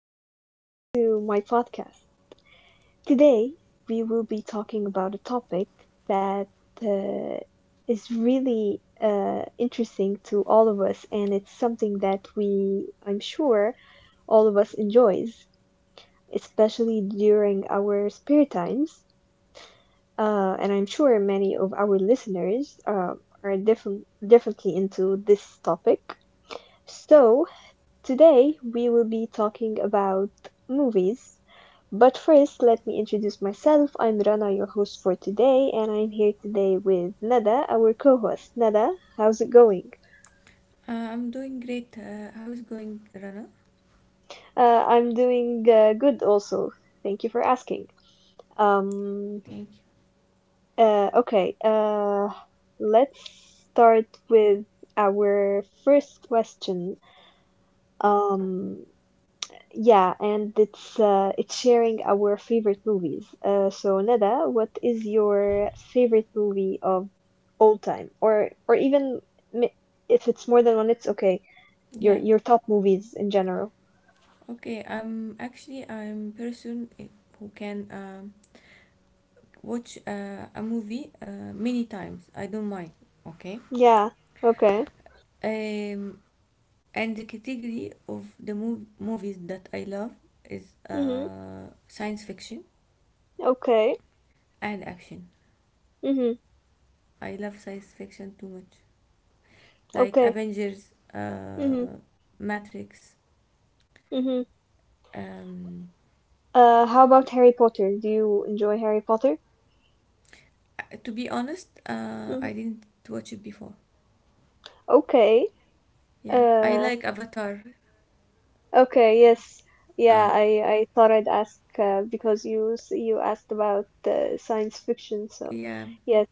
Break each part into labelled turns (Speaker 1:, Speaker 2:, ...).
Speaker 1: welcome back to my podcast. Today, we will be talking about a topic that uh, is really interesting to all of us, and it's something that I'm sure, all of us enjoys, especially during our spare times. And I'm sure many of our listeners are differently into this topic. So, today we will be talking about movies. But first, let me introduce myself. I'm Rana, your host for today, and I'm here today with Nada, our co host. Nada, how's it going?
Speaker 2: I'm doing great. How is going, Rana?
Speaker 1: I'm doing good also. Thank you for asking. Um, uh, okay, uh, let's start with our first question. Um, Yeah, and it's sharing our favorite movies. So Nada, what is your favorite movie of all time, or even m- if it's more than one, it's okay. Your
Speaker 2: Yeah.
Speaker 1: your top movies in general.
Speaker 2: Okay. I'm actually I'm person who can watch a movie many times. I don't mind. Okay.
Speaker 1: Yeah. Okay.
Speaker 2: Um, and the category of the movies that I love is
Speaker 1: Mhm.
Speaker 2: science fiction
Speaker 1: Okay.
Speaker 2: and action.
Speaker 1: Mhm.
Speaker 2: I love science fiction too much, like
Speaker 1: Okay.
Speaker 2: Avengers,
Speaker 1: Mhm.
Speaker 2: Matrix.
Speaker 1: Mhm.
Speaker 2: Um,
Speaker 1: How about Harry Potter? Do you enjoy Harry Potter?
Speaker 2: to be honest, I
Speaker 1: Mhm.
Speaker 2: didn't watch it before.
Speaker 1: Okay.
Speaker 2: Yeah, I
Speaker 1: Uh.
Speaker 2: like Avatar.
Speaker 1: Okay, yes.
Speaker 2: Uh,
Speaker 1: Yeah, I thought I'd ask because you asked about science fiction, so
Speaker 2: yeah,
Speaker 1: yes.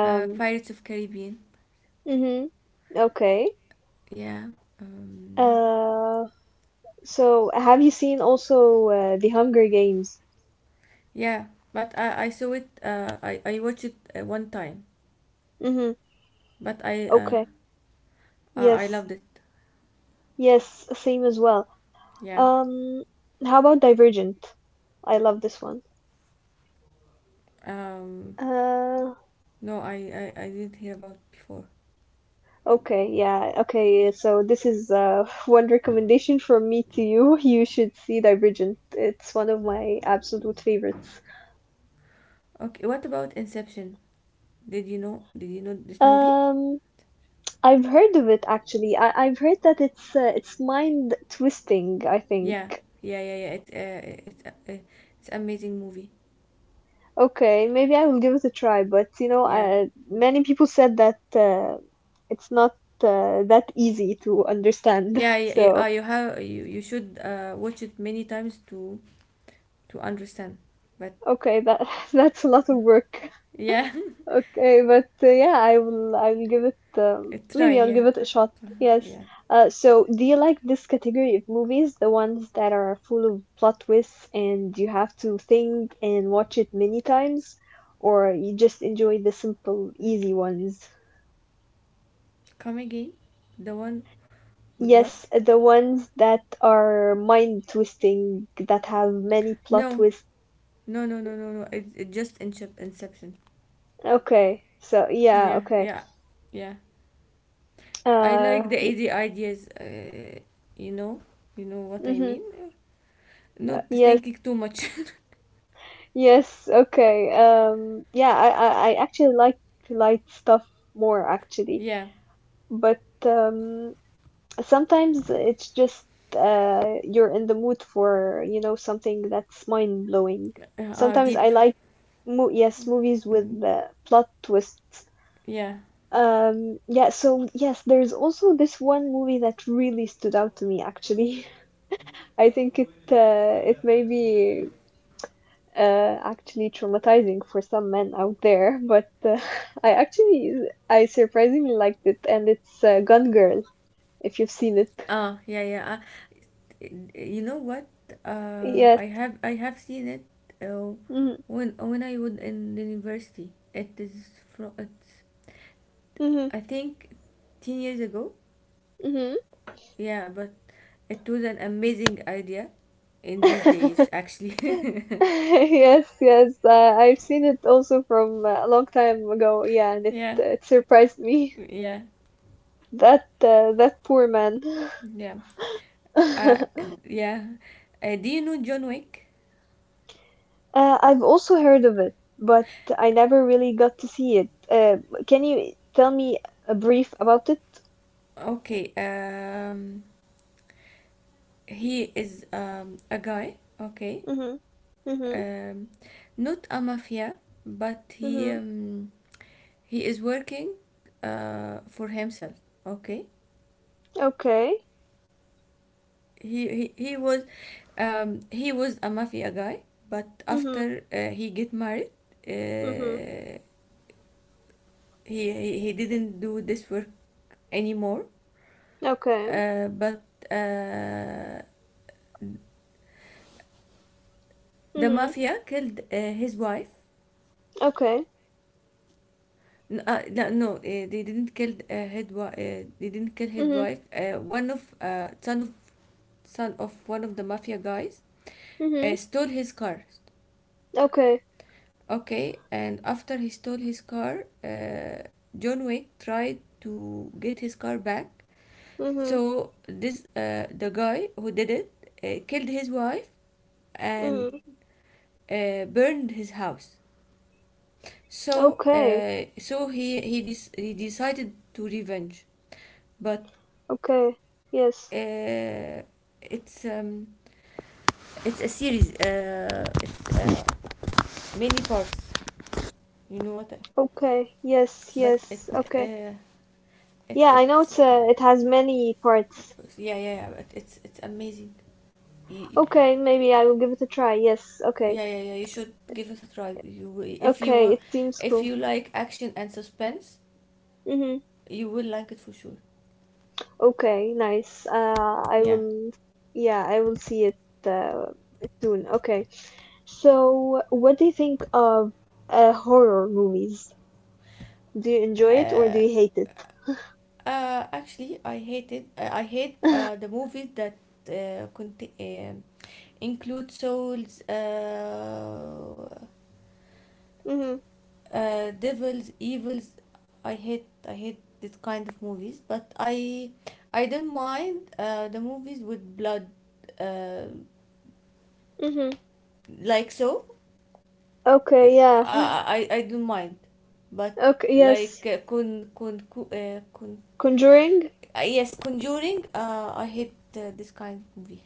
Speaker 2: Pirates of Caribbean.
Speaker 1: mm-hmm. Okay.
Speaker 2: Yeah, um,
Speaker 1: Uh, so have you seen also The Hunger Games?
Speaker 2: yeah. But I saw it. I watched it one time.
Speaker 1: Mm-hmm.
Speaker 2: But I uh,
Speaker 1: Okay.
Speaker 2: I I
Speaker 1: Yes.
Speaker 2: loved it.
Speaker 1: Yes, same as well.
Speaker 2: Yeah.
Speaker 1: Um, how about Divergent? I love this one.
Speaker 2: Um.
Speaker 1: Uh,
Speaker 2: No, I didn't hear about before.
Speaker 1: Okay, yeah, okay. So this is one recommendation from me to you. You should see Divergent. It's one of my absolute favorites.
Speaker 2: Okay. What about Inception? Did you know? Did you know this movie?
Speaker 1: Um, I've heard of it actually. I've heard that it's mind twisting, I think.
Speaker 2: Yeah, yeah, yeah, yeah. It's uh, uh, it's amazing movie.
Speaker 1: Okay, maybe I will give it a try, but you know,
Speaker 2: Yeah,
Speaker 1: many people said that it's not that easy to understand.
Speaker 2: yeah, yeah, yeah.
Speaker 1: So
Speaker 2: You have you you should watch it many times to understand. But
Speaker 1: okay, that that's a lot of work.
Speaker 2: yeah,
Speaker 1: Okay, but yeah, I will give it
Speaker 2: try.
Speaker 1: maybe I'll
Speaker 2: Yeah,
Speaker 1: give it a shot. Yes.
Speaker 2: yeah.
Speaker 1: So do you like this category of movies, the ones that are full of plot twists and you have to think and watch it many times, or you just enjoy the simple, easy ones?
Speaker 2: Come again. The one with what?
Speaker 1: Yes, the ones that are mind twisting, that have many plot
Speaker 2: No,
Speaker 1: twists.
Speaker 2: no, no, no, no, no. It just inception.
Speaker 1: Okay, so yeah,
Speaker 2: Yeah,
Speaker 1: okay.
Speaker 2: yeah, yeah. I
Speaker 1: Uh,
Speaker 2: like the AD ideas. You know, you know what I
Speaker 1: mm-hmm.
Speaker 2: mean.
Speaker 1: Uh,
Speaker 2: Not
Speaker 1: yes,
Speaker 2: thinking too much.
Speaker 1: Yes, okay. Yeah, I actually like light stuff more actually,
Speaker 2: Yeah.
Speaker 1: but sometimes it's just you're in the mood for, you know, something that's mind blowing. Sometimes
Speaker 2: Deep.
Speaker 1: I like mo yes, movies with
Speaker 2: Mm,
Speaker 1: plot twists.
Speaker 2: yeah.
Speaker 1: Yeah, so yes, there's also this one movie that really stood out to me actually. I think it maybe actually traumatizing for some men out there, but I actually I surprisingly liked it, and it's Gun Girl if you've seen it.
Speaker 2: Ah, yeah, yeah. You know what?
Speaker 1: Yes.
Speaker 2: I have seen it uh, when I was in the university. It is from it's
Speaker 1: Mm-hmm.
Speaker 2: I think 10 years ago.
Speaker 1: Hmm.
Speaker 2: Yeah, but it was an amazing idea in these days actually.
Speaker 1: Yes, yes. I've seen it also from a long time ago. Yeah, and
Speaker 2: Yeah,
Speaker 1: it surprised me
Speaker 2: yeah,
Speaker 1: that that poor man.
Speaker 2: yeah. Uh,
Speaker 1: Uh,
Speaker 2: yeah. Do you know John Wick?
Speaker 1: I've also heard of it, but I never really got to see it. Can you tell me a brief about it?
Speaker 2: Okay. He is a guy. Okay.
Speaker 1: Mhm. Mhm.
Speaker 2: Um, Not a mafia, but he
Speaker 1: Mhm.
Speaker 2: um he is working for himself. Okay,
Speaker 1: Okay.
Speaker 2: he he, he was he was a mafia guy, but
Speaker 1: Mhm.
Speaker 2: after he get married,
Speaker 1: Mhm.
Speaker 2: uh, he didn't do this work anymore.
Speaker 1: Okay.
Speaker 2: But uh, the
Speaker 1: Mhm.
Speaker 2: mafia killed his wife.
Speaker 1: Okay.
Speaker 2: No, no, they didn't kill his wife. They didn't kill his
Speaker 1: Mhm.
Speaker 2: wife. One of Son of one of the mafia guys
Speaker 1: Mhm.
Speaker 2: stole his car.
Speaker 1: Okay.
Speaker 2: Okay, and after he stole his car, John Wick tried to get his car back.
Speaker 1: Mhm.
Speaker 2: So this the guy who did it killed his wife and
Speaker 1: Mhm.
Speaker 2: burned his house. So
Speaker 1: Okay.
Speaker 2: uh, so he decided to revenge. but
Speaker 1: Okay. Yes.
Speaker 2: uh, it's um, it's a series. It's many parts. You know what? I-
Speaker 1: Okay. Yes.
Speaker 2: But it
Speaker 1: Yes. Okay.
Speaker 2: uh, it
Speaker 1: Yeah, I know
Speaker 2: it's
Speaker 1: it has many parts.
Speaker 2: yeah, yeah, yeah. But it's amazing. y-
Speaker 1: Okay, maybe I will give it a try. Yes. Okay.
Speaker 2: yeah, yeah, yeah. You should give it a try.
Speaker 1: Okay. It seems
Speaker 2: If
Speaker 1: cool.
Speaker 2: you like action and suspense,
Speaker 1: Mhm.
Speaker 2: you will like it for sure.
Speaker 1: Okay, nice. I
Speaker 2: Yeah.
Speaker 1: will, yeah, I will see it uh, soon. Okay. So, what do you think of horror movies? Do you enjoy it or do
Speaker 2: Uh,
Speaker 1: you hate it?
Speaker 2: Actually, I hated. I hate the movies that uh, conti- um include souls,
Speaker 1: Mm-hmm.
Speaker 2: devils, evils. I hate. I hate this kind of movies. But I don't mind the movies with blood, uh,
Speaker 1: Mm-hmm.
Speaker 2: like so.
Speaker 1: Okay, yeah.
Speaker 2: I, I don't mind, but
Speaker 1: Okay,
Speaker 2: like
Speaker 1: yes.
Speaker 2: con con co- con
Speaker 1: Conjuring?
Speaker 2: yes, Conjuring. I hate this kind of movie.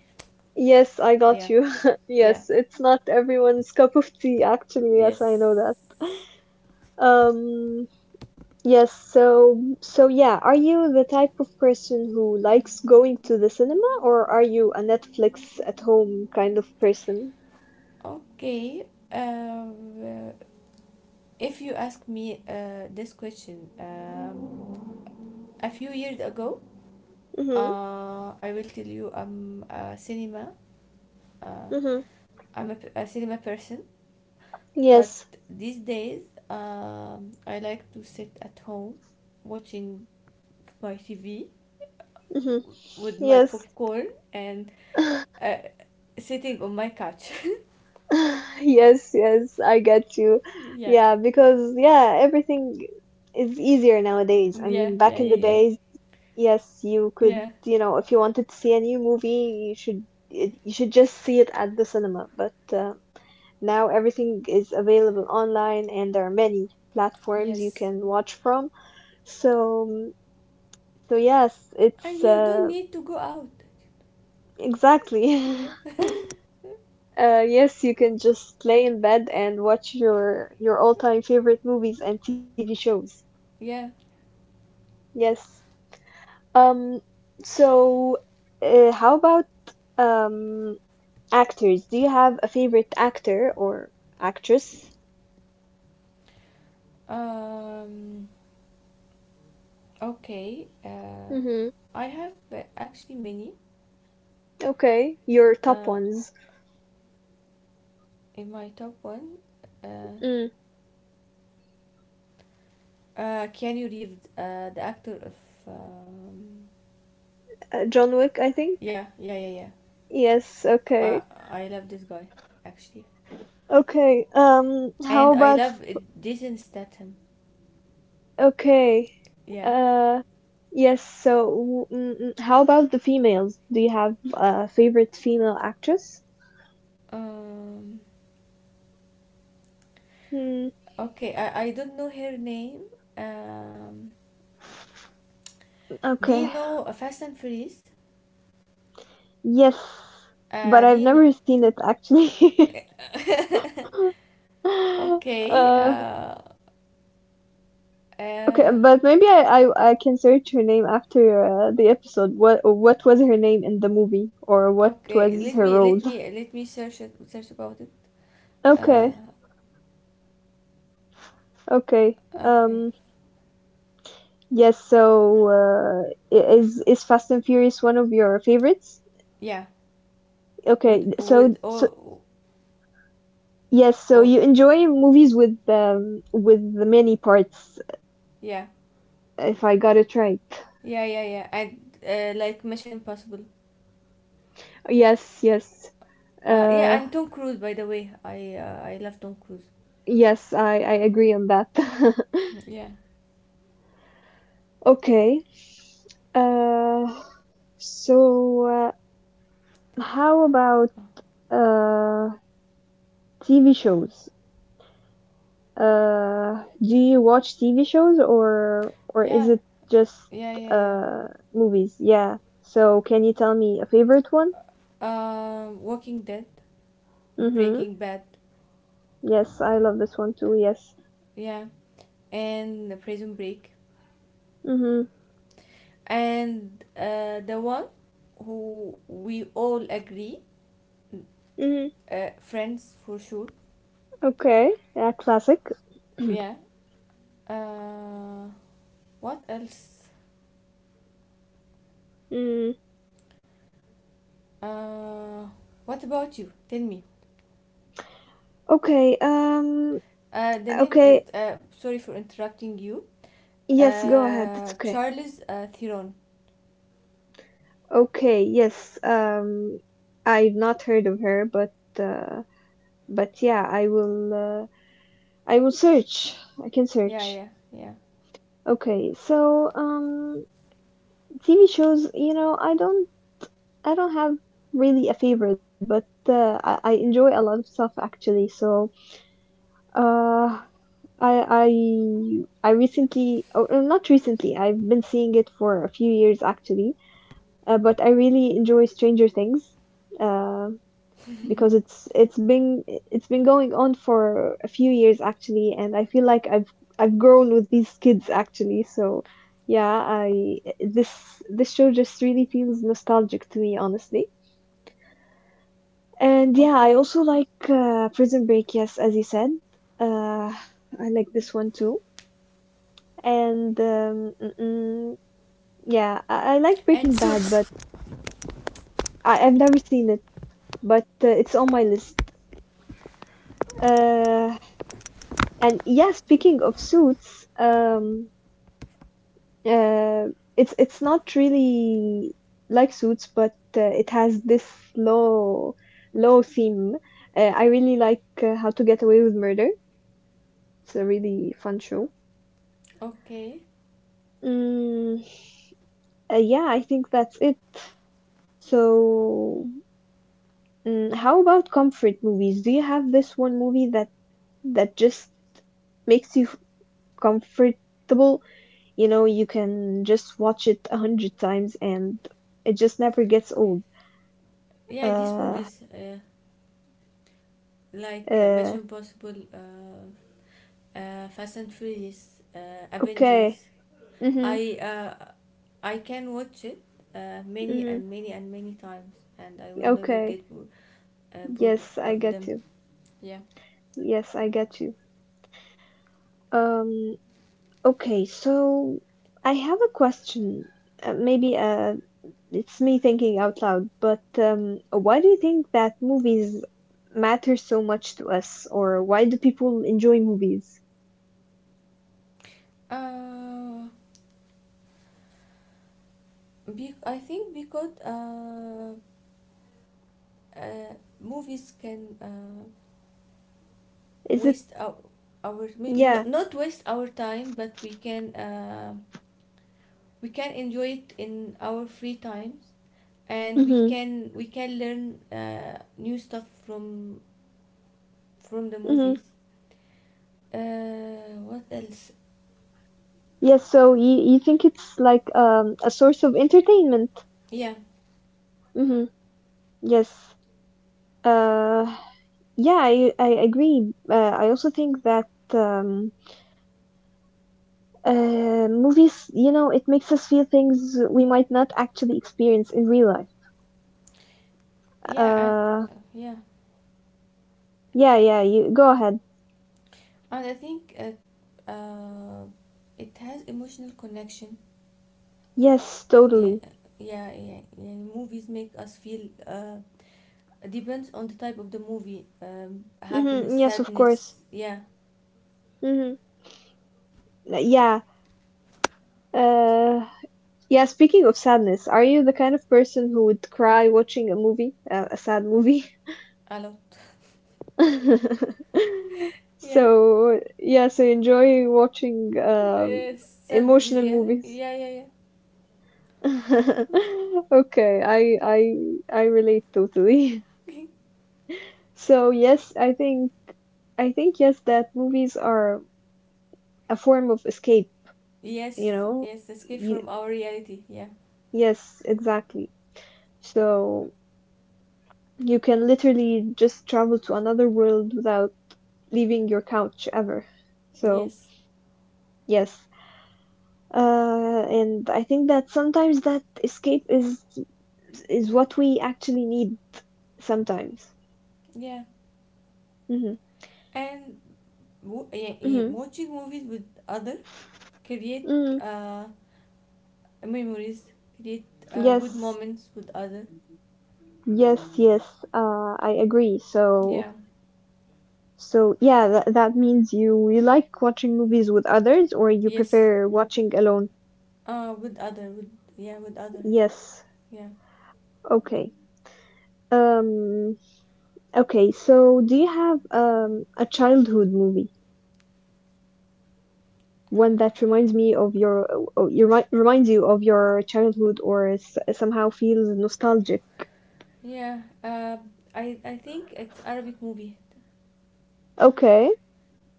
Speaker 1: Yes, I got
Speaker 2: Yeah,
Speaker 1: you.
Speaker 2: yeah,
Speaker 1: Yes, it's not everyone's cup of tea, actually. Yes, I know that.
Speaker 2: yes.
Speaker 1: Um, Yes, so yeah, are you the type of person who likes going to the cinema or are you a Netflix at home kind of person?
Speaker 2: Okay. Um, if you ask me this question a few years ago,
Speaker 1: Mm-hmm.
Speaker 2: I will tell you I'm a cinema. Uh,
Speaker 1: Mm-hmm.
Speaker 2: I'm a cinema person. But
Speaker 1: Yes.
Speaker 2: these days, I like to sit at home watching my TV
Speaker 1: Mm-hmm.
Speaker 2: with my
Speaker 1: Yes.
Speaker 2: popcorn and uh, sitting on my couch.
Speaker 1: Yes, yes, I get you.
Speaker 2: Yeah,
Speaker 1: Yeah, because yeah, everything is easier nowadays. I
Speaker 2: yeah,
Speaker 1: mean, back
Speaker 2: yeah,
Speaker 1: in
Speaker 2: yeah,
Speaker 1: the
Speaker 2: yeah,
Speaker 1: days, yes, you could,
Speaker 2: yeah.
Speaker 1: you know, if you wanted to see a new movie, you should just see it at the cinema, but now everything is available online and there are many platforms you
Speaker 2: Yes.
Speaker 1: can watch from. So, so yes, it's
Speaker 2: And you don't need to go out.
Speaker 1: exactly.
Speaker 2: Yeah.
Speaker 1: Yes, you can just lay in bed and watch your all-time favorite movies and TV shows.
Speaker 2: Yeah.
Speaker 1: Yes. Um, so how about um actors? Do you have a favorite actor or actress?
Speaker 2: Um, okay.
Speaker 1: Mm-hmm.
Speaker 2: I have actually many.
Speaker 1: Okay, your top
Speaker 2: Uh,
Speaker 1: ones.
Speaker 2: in my top one, uh,
Speaker 1: Mm.
Speaker 2: Keanu Reeves, the actor of um,
Speaker 1: John Wick, I think.
Speaker 2: yeah, yeah, yeah, yeah.
Speaker 1: Yes,
Speaker 2: I
Speaker 1: okay.
Speaker 2: I love this guy actually,
Speaker 1: Okay, um, how
Speaker 2: and I
Speaker 1: about,
Speaker 2: love Jason Statham.
Speaker 1: okay,
Speaker 2: Yeah.
Speaker 1: uh, yes, so, how about the females? Do you have a favorite female actress?
Speaker 2: Um.
Speaker 1: Hmm,
Speaker 2: Okay. I don't know her name. Um. Do
Speaker 1: okay.
Speaker 2: you know Fast and Furious?
Speaker 1: Yes, but
Speaker 2: Do
Speaker 1: I've
Speaker 2: you know?
Speaker 1: never seen it actually.
Speaker 2: Okay.
Speaker 1: Uh, okay,
Speaker 2: Uh.
Speaker 1: but maybe I can search her name after the episode. What was her name in the movie, or what
Speaker 2: Okay.
Speaker 1: was
Speaker 2: Let
Speaker 1: her
Speaker 2: me let
Speaker 1: role?
Speaker 2: me let me search about it. Uh.
Speaker 1: Okay, okay.
Speaker 2: Okay.
Speaker 1: Yes, so is Fast and Furious one of your favorites?
Speaker 2: Yeah.
Speaker 1: Okay,
Speaker 2: Would
Speaker 1: so yes, so
Speaker 2: or
Speaker 1: you enjoy movies with the many parts,
Speaker 2: yeah,
Speaker 1: if I got it right.
Speaker 2: yeah, yeah, yeah, and like Mission Impossible.
Speaker 1: Yes, yes.
Speaker 2: Yeah,
Speaker 1: Uh,
Speaker 2: and Tom Cruise, by the way, I love Tom Cruise.
Speaker 1: yes, I agree on that.
Speaker 2: Yeah,
Speaker 1: Okay. Uh, so uh, how about uh TV shows? Do you watch TV shows or is
Speaker 2: yeah,
Speaker 1: it just
Speaker 2: yeah, yeah, yeah.
Speaker 1: uh movies? Yeah. So can you tell me a favorite one?
Speaker 2: Walking Dead,
Speaker 1: Mm-hmm.
Speaker 2: Breaking Bad,
Speaker 1: Yes, I love this one too. Yes.
Speaker 2: yeah, and Prison Break,
Speaker 1: Mm-hmm.
Speaker 2: and the one who we all agree,
Speaker 1: Mm-hmm.
Speaker 2: Friends for sure.
Speaker 1: Okay. Yeah, classic.
Speaker 2: Yeah. Uh, What else?
Speaker 1: Mm.
Speaker 2: Uh, what about you? Tell me.
Speaker 1: Okay.
Speaker 2: The name is,
Speaker 1: Okay.
Speaker 2: sorry for interrupting you.
Speaker 1: Yes. Go ahead. It's okay.
Speaker 2: Charles Theron.
Speaker 1: Okay. Yes. I've not heard of her, uh, but yeah, I will. I will search. I can
Speaker 2: Yeah,
Speaker 1: search.
Speaker 2: yeah, yeah.
Speaker 1: Okay, so TV shows, you know, I don't have really a favorite, but I enjoy a lot of stuff actually. So, uh, I I recently, or not recently, I've been seeing it for a few years actually, but I really enjoy Stranger Things, uh, because it's been going on for a few years actually, and I feel like I've grown with these kids actually. So yeah, I this show just really feels nostalgic to me honestly. And yeah, I
Speaker 2: Okay.
Speaker 1: also like Prison Break, yes, as you said. Uh, I like this one too. And um, yeah, I like
Speaker 2: And
Speaker 1: Breaking Bad, but
Speaker 2: Suits.
Speaker 1: I've never seen it, but it's on my list uh. And yeah, speaking of suits, uh, it's not really like suits, but it has this low low theme. I really like How to Get Away with Murder. It's a really fun show.
Speaker 2: Okay.
Speaker 1: Mm, yeah, I think that's it. So, mm, how about comfort movies? Do you have this one movie that just makes you comfortable? You know, you can just watch it a hundred times and it just never gets old.
Speaker 2: Yeah, these
Speaker 1: Uh,
Speaker 2: movies, like
Speaker 1: uh,
Speaker 2: Mission Impossible, Fast and Furious,
Speaker 1: okay.
Speaker 2: Avengers.
Speaker 1: Mhm.
Speaker 2: I uh, I can watch it many
Speaker 1: Mhm.
Speaker 2: and many and many times, and I will never
Speaker 1: Okay.
Speaker 2: get bored
Speaker 1: Yes, I
Speaker 2: of
Speaker 1: get
Speaker 2: them.
Speaker 1: you.
Speaker 2: Yeah.
Speaker 1: Yes, I get you. Um, okay, so I have a question. Maybe it's me thinking out loud, but why do you think that movies matter so much to us, or why do people enjoy movies?
Speaker 2: Uh, I think because uh, movies can
Speaker 1: Is it,
Speaker 2: waste our mi- n-
Speaker 1: yeah.
Speaker 2: not waste our time, but we can enjoy it in our free times, and we
Speaker 1: Mm-hmm.
Speaker 2: can we can learn new stuff from the
Speaker 1: Mm-hmm.
Speaker 2: movies. What else?
Speaker 1: Yes, so you think it's like a source of entertainment.
Speaker 2: Yeah,
Speaker 1: Mm-hmm. Yes. Uh, yeah, I agree. I also think that um uh movies, you know, it makes us feel things we might not actually experience in real life.
Speaker 2: yeah.
Speaker 1: Uh,
Speaker 2: Yeah,
Speaker 1: yeah, yeah, you go ahead.
Speaker 2: and I think it has emotional connection.
Speaker 1: Yes,
Speaker 2: Yeah,
Speaker 1: totally.
Speaker 2: yeah, yeah, yeah. Movies make us feel depends on the type of the movie.
Speaker 1: Mm-hmm.
Speaker 2: Happiness,
Speaker 1: Yes, of course.
Speaker 2: sadness, yeah,
Speaker 1: Mm-hmm.
Speaker 2: it,
Speaker 1: Yeah. Uh, yeah, speaking of sadness, are you the kind of person who would cry watching a movie, a sad movie?
Speaker 2: a lot. Yeah.
Speaker 1: So yeah, so enjoy watching
Speaker 2: Uh, Sad movies,
Speaker 1: emotional
Speaker 2: yeah,
Speaker 1: movies.
Speaker 2: yeah, yeah, yeah.
Speaker 1: Okay, I relate totally. So yes, I think yes that movies are a form of escape, you
Speaker 2: Yes,
Speaker 1: know?
Speaker 2: yes, escape
Speaker 1: Y
Speaker 2: from our reality, yeah,
Speaker 1: Yes, exactly. So you can literally just travel to another world without leaving your couch ever. So
Speaker 2: yes,
Speaker 1: yes. And I think that sometimes that escape is what we actually need sometimes.
Speaker 2: yeah.
Speaker 1: Mhm.
Speaker 2: And yeah, yeah,
Speaker 1: Mhm.
Speaker 2: watching movies with other create
Speaker 1: Mm.
Speaker 2: uh, memories, create good
Speaker 1: Yes.
Speaker 2: moments with other.
Speaker 1: Yes, yes. I agree. So
Speaker 2: Yeah,
Speaker 1: so yeah, that that means you you like watching movies with others or you
Speaker 2: yes,
Speaker 1: prefer watching alone.
Speaker 2: with other, with yeah, with other,
Speaker 1: Yes.
Speaker 2: yeah,
Speaker 1: Okay. Um, okay, so do you have a childhood movie, one that reminds me of your reminds you of your childhood or somehow feels nostalgic?
Speaker 2: yeah. I think it's Arabic movie.
Speaker 1: Okay,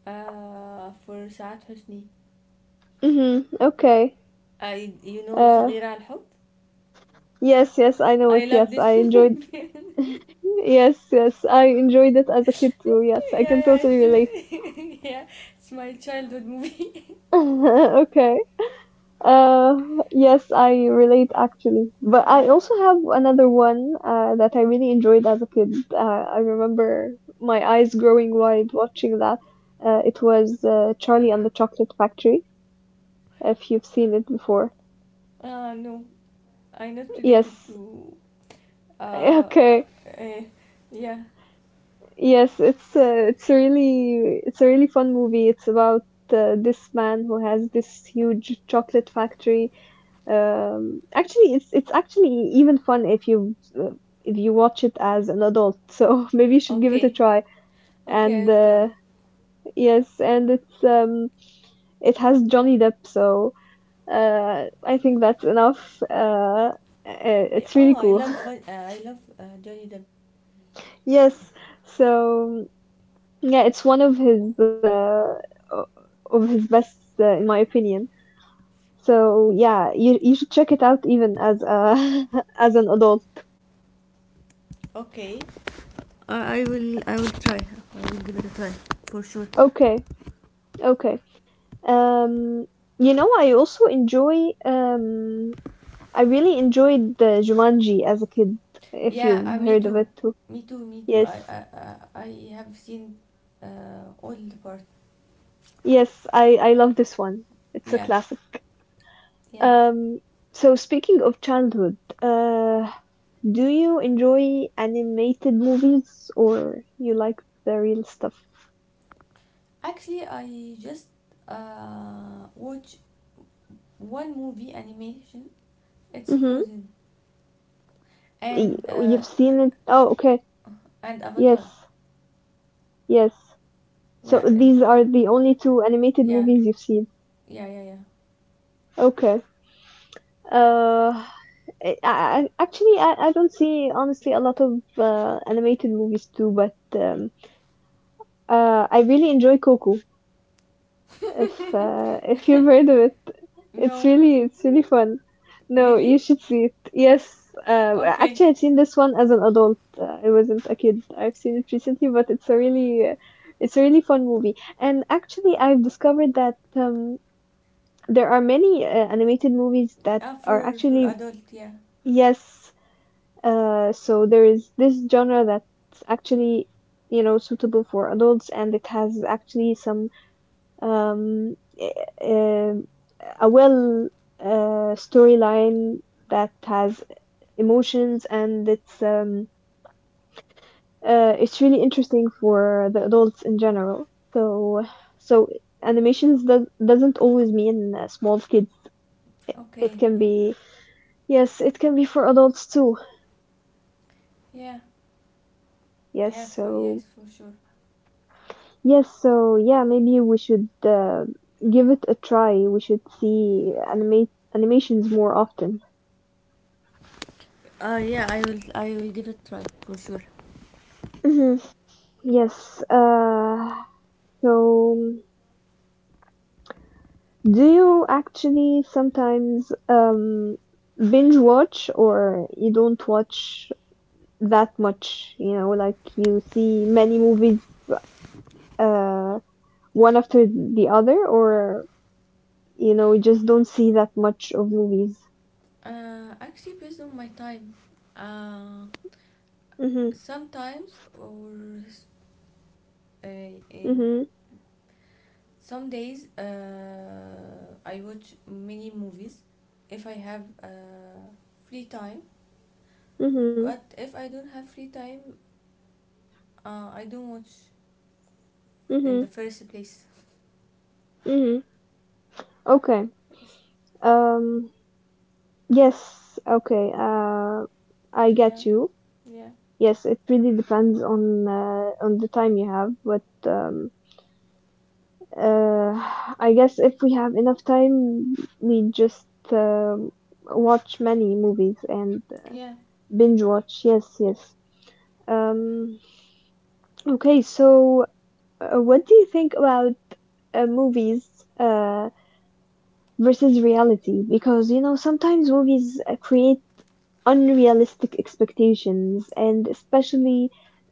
Speaker 2: آه for سعاد حسني.
Speaker 1: mm-hmm. Okay,
Speaker 2: I You know
Speaker 1: uh,
Speaker 2: صغيرة على الحب.
Speaker 1: yes, I know
Speaker 2: I
Speaker 1: it.
Speaker 2: love
Speaker 1: Yes, I
Speaker 2: this
Speaker 1: enjoyed
Speaker 2: movie.
Speaker 1: yes, yes, I enjoyed it as a kid too. Yes, I
Speaker 2: Yeah,
Speaker 1: can
Speaker 2: yeah,
Speaker 1: totally relate.
Speaker 2: yeah, it's my childhood movie.
Speaker 1: Okay. Uh, yes, I relate actually. But I
Speaker 2: Yeah.
Speaker 1: also have another one that I really enjoyed as a kid. I remember my eyes growing wide watching that. It was Charlie and the Chocolate Factory, if you've seen it before.
Speaker 2: No, I'm not related
Speaker 1: Yes.
Speaker 2: to. uh, uh
Speaker 1: Okay.
Speaker 2: eh, yeah.
Speaker 1: Yes, it's it's a really fun movie. It's about this man who has this huge chocolate factory. Actually, it's actually even fun if you watch it as an adult. So maybe you should give it a
Speaker 2: Okay,
Speaker 1: try.
Speaker 2: okay,
Speaker 1: And
Speaker 2: I'll try.
Speaker 1: yes, and it's it has Johnny Depp. So I think that's enough.
Speaker 2: Yeah,
Speaker 1: It's
Speaker 2: oh,
Speaker 1: really
Speaker 2: I
Speaker 1: cool.
Speaker 2: love uh, I love Johnny Depp.
Speaker 1: Yes. So yeah, it's one of his o- of his best in my opinion. So yeah, you should check it out even as a as an adult.
Speaker 2: Okay, I I will I will try I will give it a try for sure.
Speaker 1: Okay. Okay. Um, you know, I also enjoy I really enjoyed the Jumanji as a kid, if
Speaker 2: Yeah,
Speaker 1: you've
Speaker 2: me
Speaker 1: heard of
Speaker 2: too.
Speaker 1: it too.
Speaker 2: Me too, me too.
Speaker 1: Yes.
Speaker 2: I have seen all the part.
Speaker 1: Yes, I love this one. It's a
Speaker 2: Yeah,
Speaker 1: classic.
Speaker 2: yeah.
Speaker 1: Um, so speaking of childhood, do you enjoy animated movies or you like the real stuff?
Speaker 2: Actually, I just watch one movie animation. It's
Speaker 1: Mm-hmm.
Speaker 2: Frozen and uh
Speaker 1: You've seen it. Oh, okay.
Speaker 2: and
Speaker 1: Yes.
Speaker 2: Avatar.
Speaker 1: Yes. So
Speaker 2: Yeah,
Speaker 1: these are the only two animated
Speaker 2: yeah,
Speaker 1: movies you've seen.
Speaker 2: yeah, yeah, yeah.
Speaker 1: Okay. Uh, I actually I don't see honestly a lot of animated movies too, but I really enjoy Coco. If you've heard of it, it's
Speaker 2: No,
Speaker 1: really it's really fun. No, you
Speaker 2: really?
Speaker 1: should see it. Yes,
Speaker 2: Okay.
Speaker 1: actually I've seen this one as an adult. I wasn't a kid. I've seen it recently, but it's a really fun movie. And actually I've discovered that there are many animated movies that
Speaker 2: Ah,
Speaker 1: are
Speaker 2: for
Speaker 1: actually
Speaker 2: adult, yeah.
Speaker 1: yes. So there is this genre that's actually, you know, suitable for adults, and it has actually some um, uh, a well storyline that has emotions, and it's really interesting for the adults in general. So so animations doesn't always mean small kids. It
Speaker 2: Okay,
Speaker 1: can
Speaker 2: yeah,
Speaker 1: be yes, it can be for adults too.
Speaker 2: yeah,
Speaker 1: Yes,
Speaker 2: yeah. For
Speaker 1: so
Speaker 2: yes, for sure.
Speaker 1: yes, so yeah, maybe we should give it a try. We should see animate animations more often.
Speaker 2: Yeah, I will give it a try for sure.
Speaker 1: Mhm. Yes. So, do you actually sometimes binge watch, or you don't watch that much? You know, like you see many movies uh, one after the other, or you just don't see that much of movies.
Speaker 2: Actually, based on my time, uh,
Speaker 1: Mm-hmm.
Speaker 2: sometimes or uh, um,
Speaker 1: Mm-hmm.
Speaker 2: some days I watch many movies if I have free time.
Speaker 1: Mm-hmm.
Speaker 2: But if I don't have free time, I don't watch in
Speaker 1: Mm-hmm.
Speaker 2: the first place.
Speaker 1: Mm-hmm. Okay.
Speaker 2: Yes.
Speaker 1: Um. Yes. Okay. I
Speaker 2: Yeah,
Speaker 1: get you.
Speaker 2: yeah,
Speaker 1: Yes, it really depends on the time you have, but. Uh. I guess if we have enough time, we just um watch many movies and
Speaker 2: yeah,
Speaker 1: binge watch. Yes. Yes. Um. Okay. So, what do you think about movies? Uh. Versus reality, because you know sometimes movies create unrealistic expectations, and especially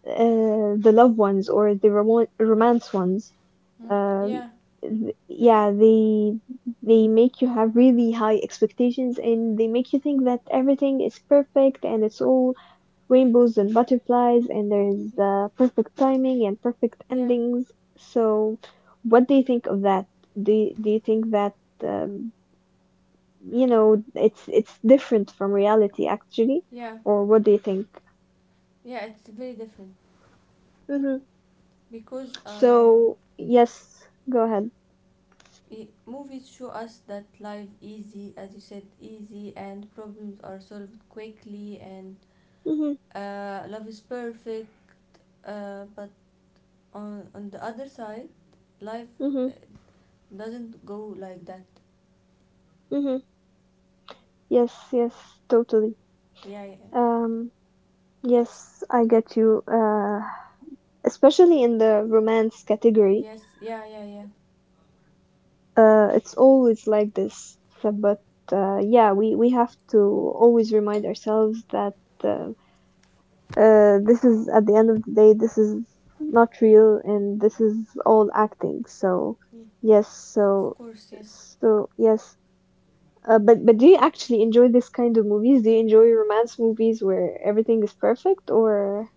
Speaker 1: the love ones or the romance ones,
Speaker 2: mm,
Speaker 1: um,
Speaker 2: yeah,
Speaker 1: yeah, they make you have really high expectations and they make you think that everything is perfect and it's all rainbows and butterflies and there's perfect timing and perfect
Speaker 2: yeah,
Speaker 1: endings. So what do you think of that? Do you think that um, you know, it's different from reality actually,
Speaker 2: yeah,
Speaker 1: or what do you think?
Speaker 2: yeah. It's very different
Speaker 1: Hmm.
Speaker 2: because
Speaker 1: So yes, go ahead.
Speaker 2: movies show us that life easy as you said easy and problems are solved quickly, and
Speaker 1: Hmm.
Speaker 2: love is perfect, but on the other side life uh,
Speaker 1: Hmm.
Speaker 2: doesn't go like that.
Speaker 1: Hmm. Yes, yes, totally.
Speaker 2: Yeah, yeah,
Speaker 1: um yes, I get you. Especially in the romance category.
Speaker 2: yes, yeah, yeah, yeah,
Speaker 1: It's always like this. So, but yeah, we have to always remind ourselves that uh, this is at the end of the day, this is not real and this is all acting. So
Speaker 2: yeah,
Speaker 1: yes,
Speaker 2: of
Speaker 1: so
Speaker 2: course, yes.
Speaker 1: so yes. But do you actually enjoy this kind of movies? Do you enjoy romance movies where everything is perfect, or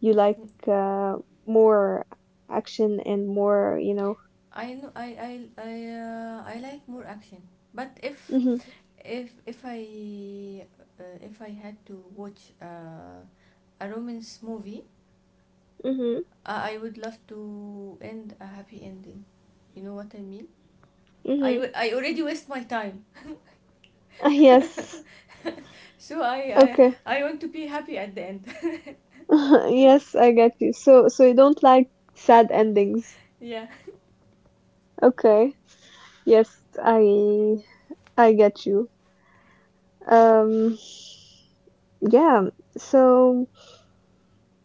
Speaker 1: you like
Speaker 2: Mm.
Speaker 1: uh, more action and more, you know.
Speaker 2: I know. I like more action, but
Speaker 1: Mhm.
Speaker 2: if if i if I had to watch a romance movie,
Speaker 1: Mhm.
Speaker 2: I would love to end a happy ending. You know what I mean? I,
Speaker 1: Mhm.
Speaker 2: w- I already waste my time.
Speaker 1: Yes,
Speaker 2: So, I,
Speaker 1: okay.
Speaker 2: I I want to be happy at the end.
Speaker 1: Yes, I get you. So so you don't like sad endings?
Speaker 2: Yeah.
Speaker 1: Okay. Yes, I I get you. Um, yeah. So,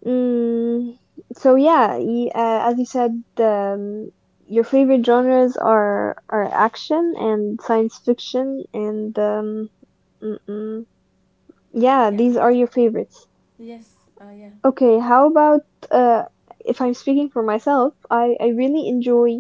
Speaker 1: mm, so yeah. As you said, um, your favorite genres are action and science fiction, and mm-mm. Yeah,
Speaker 2: Yeah.
Speaker 1: these are your favorites.
Speaker 2: Yes. Yeah.
Speaker 1: Okay. How about uh, if I'm speaking for myself, I really enjoy.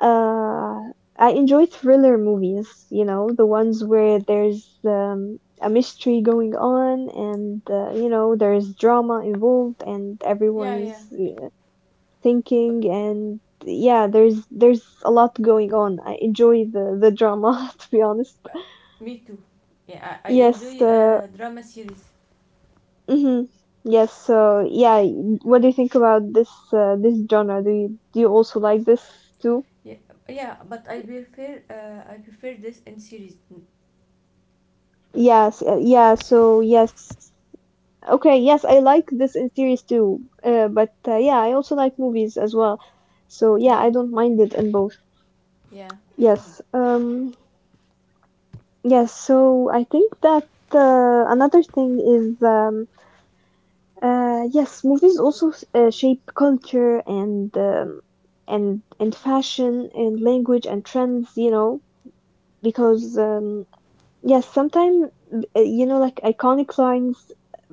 Speaker 1: Uh, I enjoy thriller movies, you know, the ones where there's a mystery going on and, you know, there's drama involved and
Speaker 2: Yeah,
Speaker 1: everyone's
Speaker 2: yeah. But,
Speaker 1: thinking and yeah, there's a lot going on. I enjoy the drama, to be honest.
Speaker 2: uh, me too. Yeah, I
Speaker 1: Yes,
Speaker 2: enjoy drama series.
Speaker 1: mhm. Yes, so yeah, what do you think about this this genre? Do you also like this too?
Speaker 2: Yeah, yeah, but I prefer this in series. Mm.
Speaker 1: Yes, yeah, so yes. Okay, yes, I like this in series too. But yeah, I also like movies as well. So yeah,
Speaker 2: Yeah,
Speaker 1: I don't mind it in both.
Speaker 2: yeah.
Speaker 1: Yes. Yes, so I think that another thing is yes, movies also shape culture and fashion and language and trends, you know,
Speaker 2: Me-
Speaker 1: because yes, sometimes you know, like iconic lines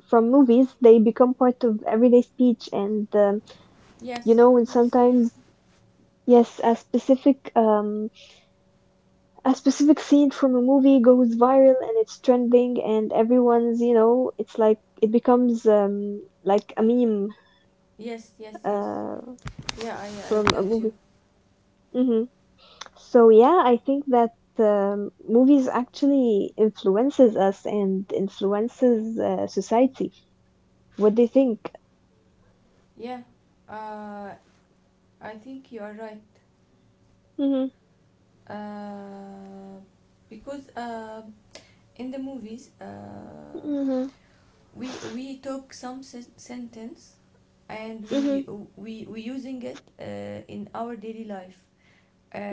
Speaker 1: from movies, they become part of everyday speech and you
Speaker 2: Yes,
Speaker 1: know and
Speaker 2: yes, yes.
Speaker 1: sometimes yes a specific scene from a movie goes viral and it's trending and everyone's, you know, it's like it becomes like a meme
Speaker 2: Yes, yes, yes.
Speaker 1: uh
Speaker 2: Yeah, I
Speaker 1: from a
Speaker 2: got you.
Speaker 1: movie. Hmm. So yeah, I think that movies actually influences us and influences society. What do you think?
Speaker 2: Yeah. Uh I think you are right.
Speaker 1: Mm-hmm,
Speaker 2: Uh, because in the movies,
Speaker 1: mm-hmm,
Speaker 2: we took some sentence, and
Speaker 1: mm-hmm,
Speaker 2: we using it in our daily life.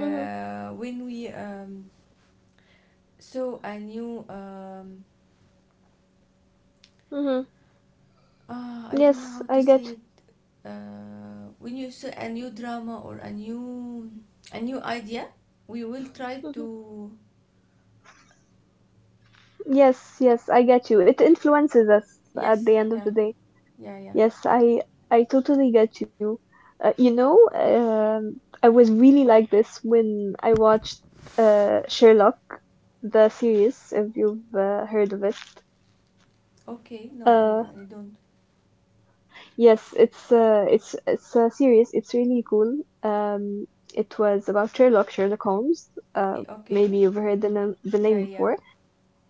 Speaker 1: mm-hmm.
Speaker 2: When we saw a new.
Speaker 1: Mm-hmm.
Speaker 2: I don't
Speaker 1: Yes,
Speaker 2: know how
Speaker 1: I
Speaker 2: to
Speaker 1: get.
Speaker 2: say it. When you saw a new drama or a new idea, we will try to.
Speaker 1: Yes, yes, I get you. It influences us at the
Speaker 2: Yes,
Speaker 1: end of the
Speaker 2: yeah,
Speaker 1: day.
Speaker 2: yeah, yeah.
Speaker 1: Yes, I totally get you. You know, I was really like this when I watched Sherlock, the series, if you've heard of it.
Speaker 2: Okay, no,
Speaker 1: Uh,
Speaker 2: I don't.
Speaker 1: yes, it's it's a series. It's really cool. It was about Sherlock, Sherlock Holmes. Uh,
Speaker 2: I,
Speaker 1: maybe
Speaker 2: okay,
Speaker 1: you've heard the
Speaker 2: yeah,
Speaker 1: name
Speaker 2: yeah,
Speaker 1: before.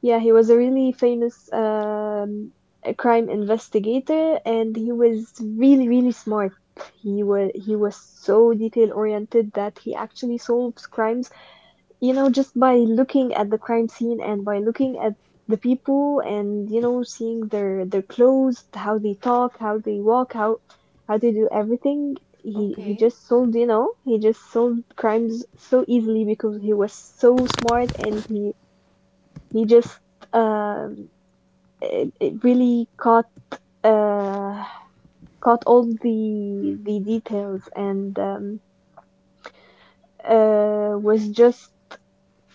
Speaker 1: Yeah, he was a really famous a crime investigator, and he was really, really smart. He was so detail oriented that he actually solves crimes, you know, just by looking at the crime scene and by looking at the people and you know seeing their clothes, how they talk, how they walk, how they do everything. He
Speaker 2: okay.
Speaker 1: just solved, you know, he just solved crimes so easily because he was so smart and he just um, it really caught uh, caught all the details and was just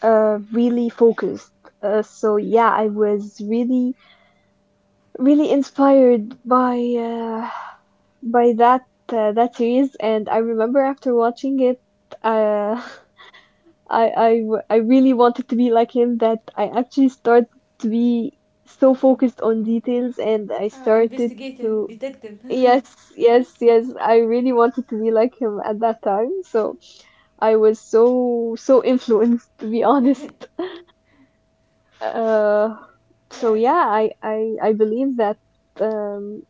Speaker 1: really focused. So yeah, I was really really inspired by that that series, and I remember after watching it. Uh, I really wanted to be like him, that I actually started to be so focused on details and I started
Speaker 2: Investigator,
Speaker 1: to.
Speaker 2: detective.
Speaker 1: Yes, yes, yes. I really wanted to be like him at that time. So I was so so influenced, to be honest. Uh, so
Speaker 2: Yeah,
Speaker 1: yeah, I believe that um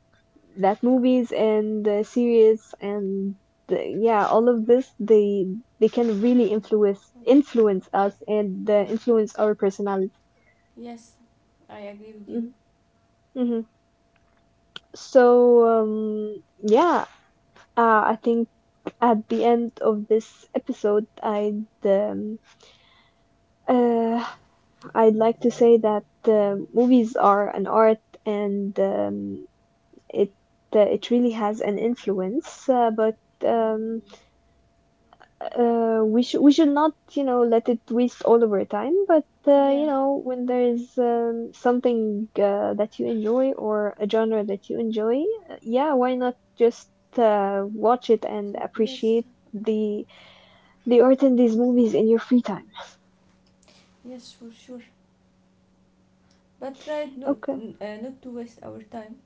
Speaker 1: that movies and series and yeah, all of this, they can really
Speaker 2: uh,
Speaker 1: influence influence us and
Speaker 2: uh,
Speaker 1: influence our personality.
Speaker 2: yes, I agree with you.
Speaker 1: Mm-hmm. Mm-hmm. So yeah, I think at the end of this episode, uh, I'd like to say that movies are an art, and it it really has an influence. But um, we should not, you know, let it waste all of our time. But you
Speaker 2: Yeah,
Speaker 1: know, when there is something that you enjoy or a genre that you enjoy, yeah, why not just watch it and
Speaker 2: so, yes,
Speaker 1: appreciate the The art in these movies in your free time.
Speaker 2: yes, for sure. But try not,
Speaker 1: Okay.
Speaker 2: not to waste our time.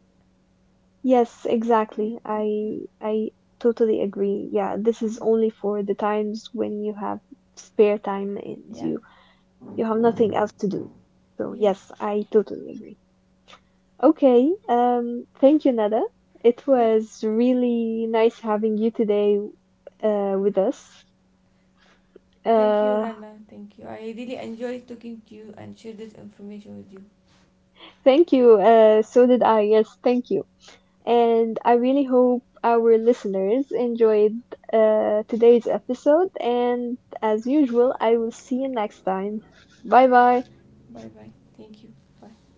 Speaker 1: Yes,
Speaker 2: Yeah,
Speaker 1: exactly.
Speaker 2: yeah,
Speaker 1: I totally agree. Yeah, this
Speaker 2: yeah,
Speaker 1: is only for the times when you have spare time and
Speaker 2: yeah,
Speaker 1: you have nothing else to do. So yes,
Speaker 2: yes.
Speaker 1: I totally agree. Okay, thank you, Nada. It
Speaker 2: Th-
Speaker 1: was really nice having you today with us.
Speaker 2: Thank you,
Speaker 1: Uh,
Speaker 2: Rana. Thank you. I really enjoyed talking to you and share this information with you.
Speaker 1: thank you. So did I. Yes, thank you. And I really hope our listeners enjoyed today's episode. And as usual, I will see you next time. Bye bye.
Speaker 2: Bye bye. Thank you. Bye.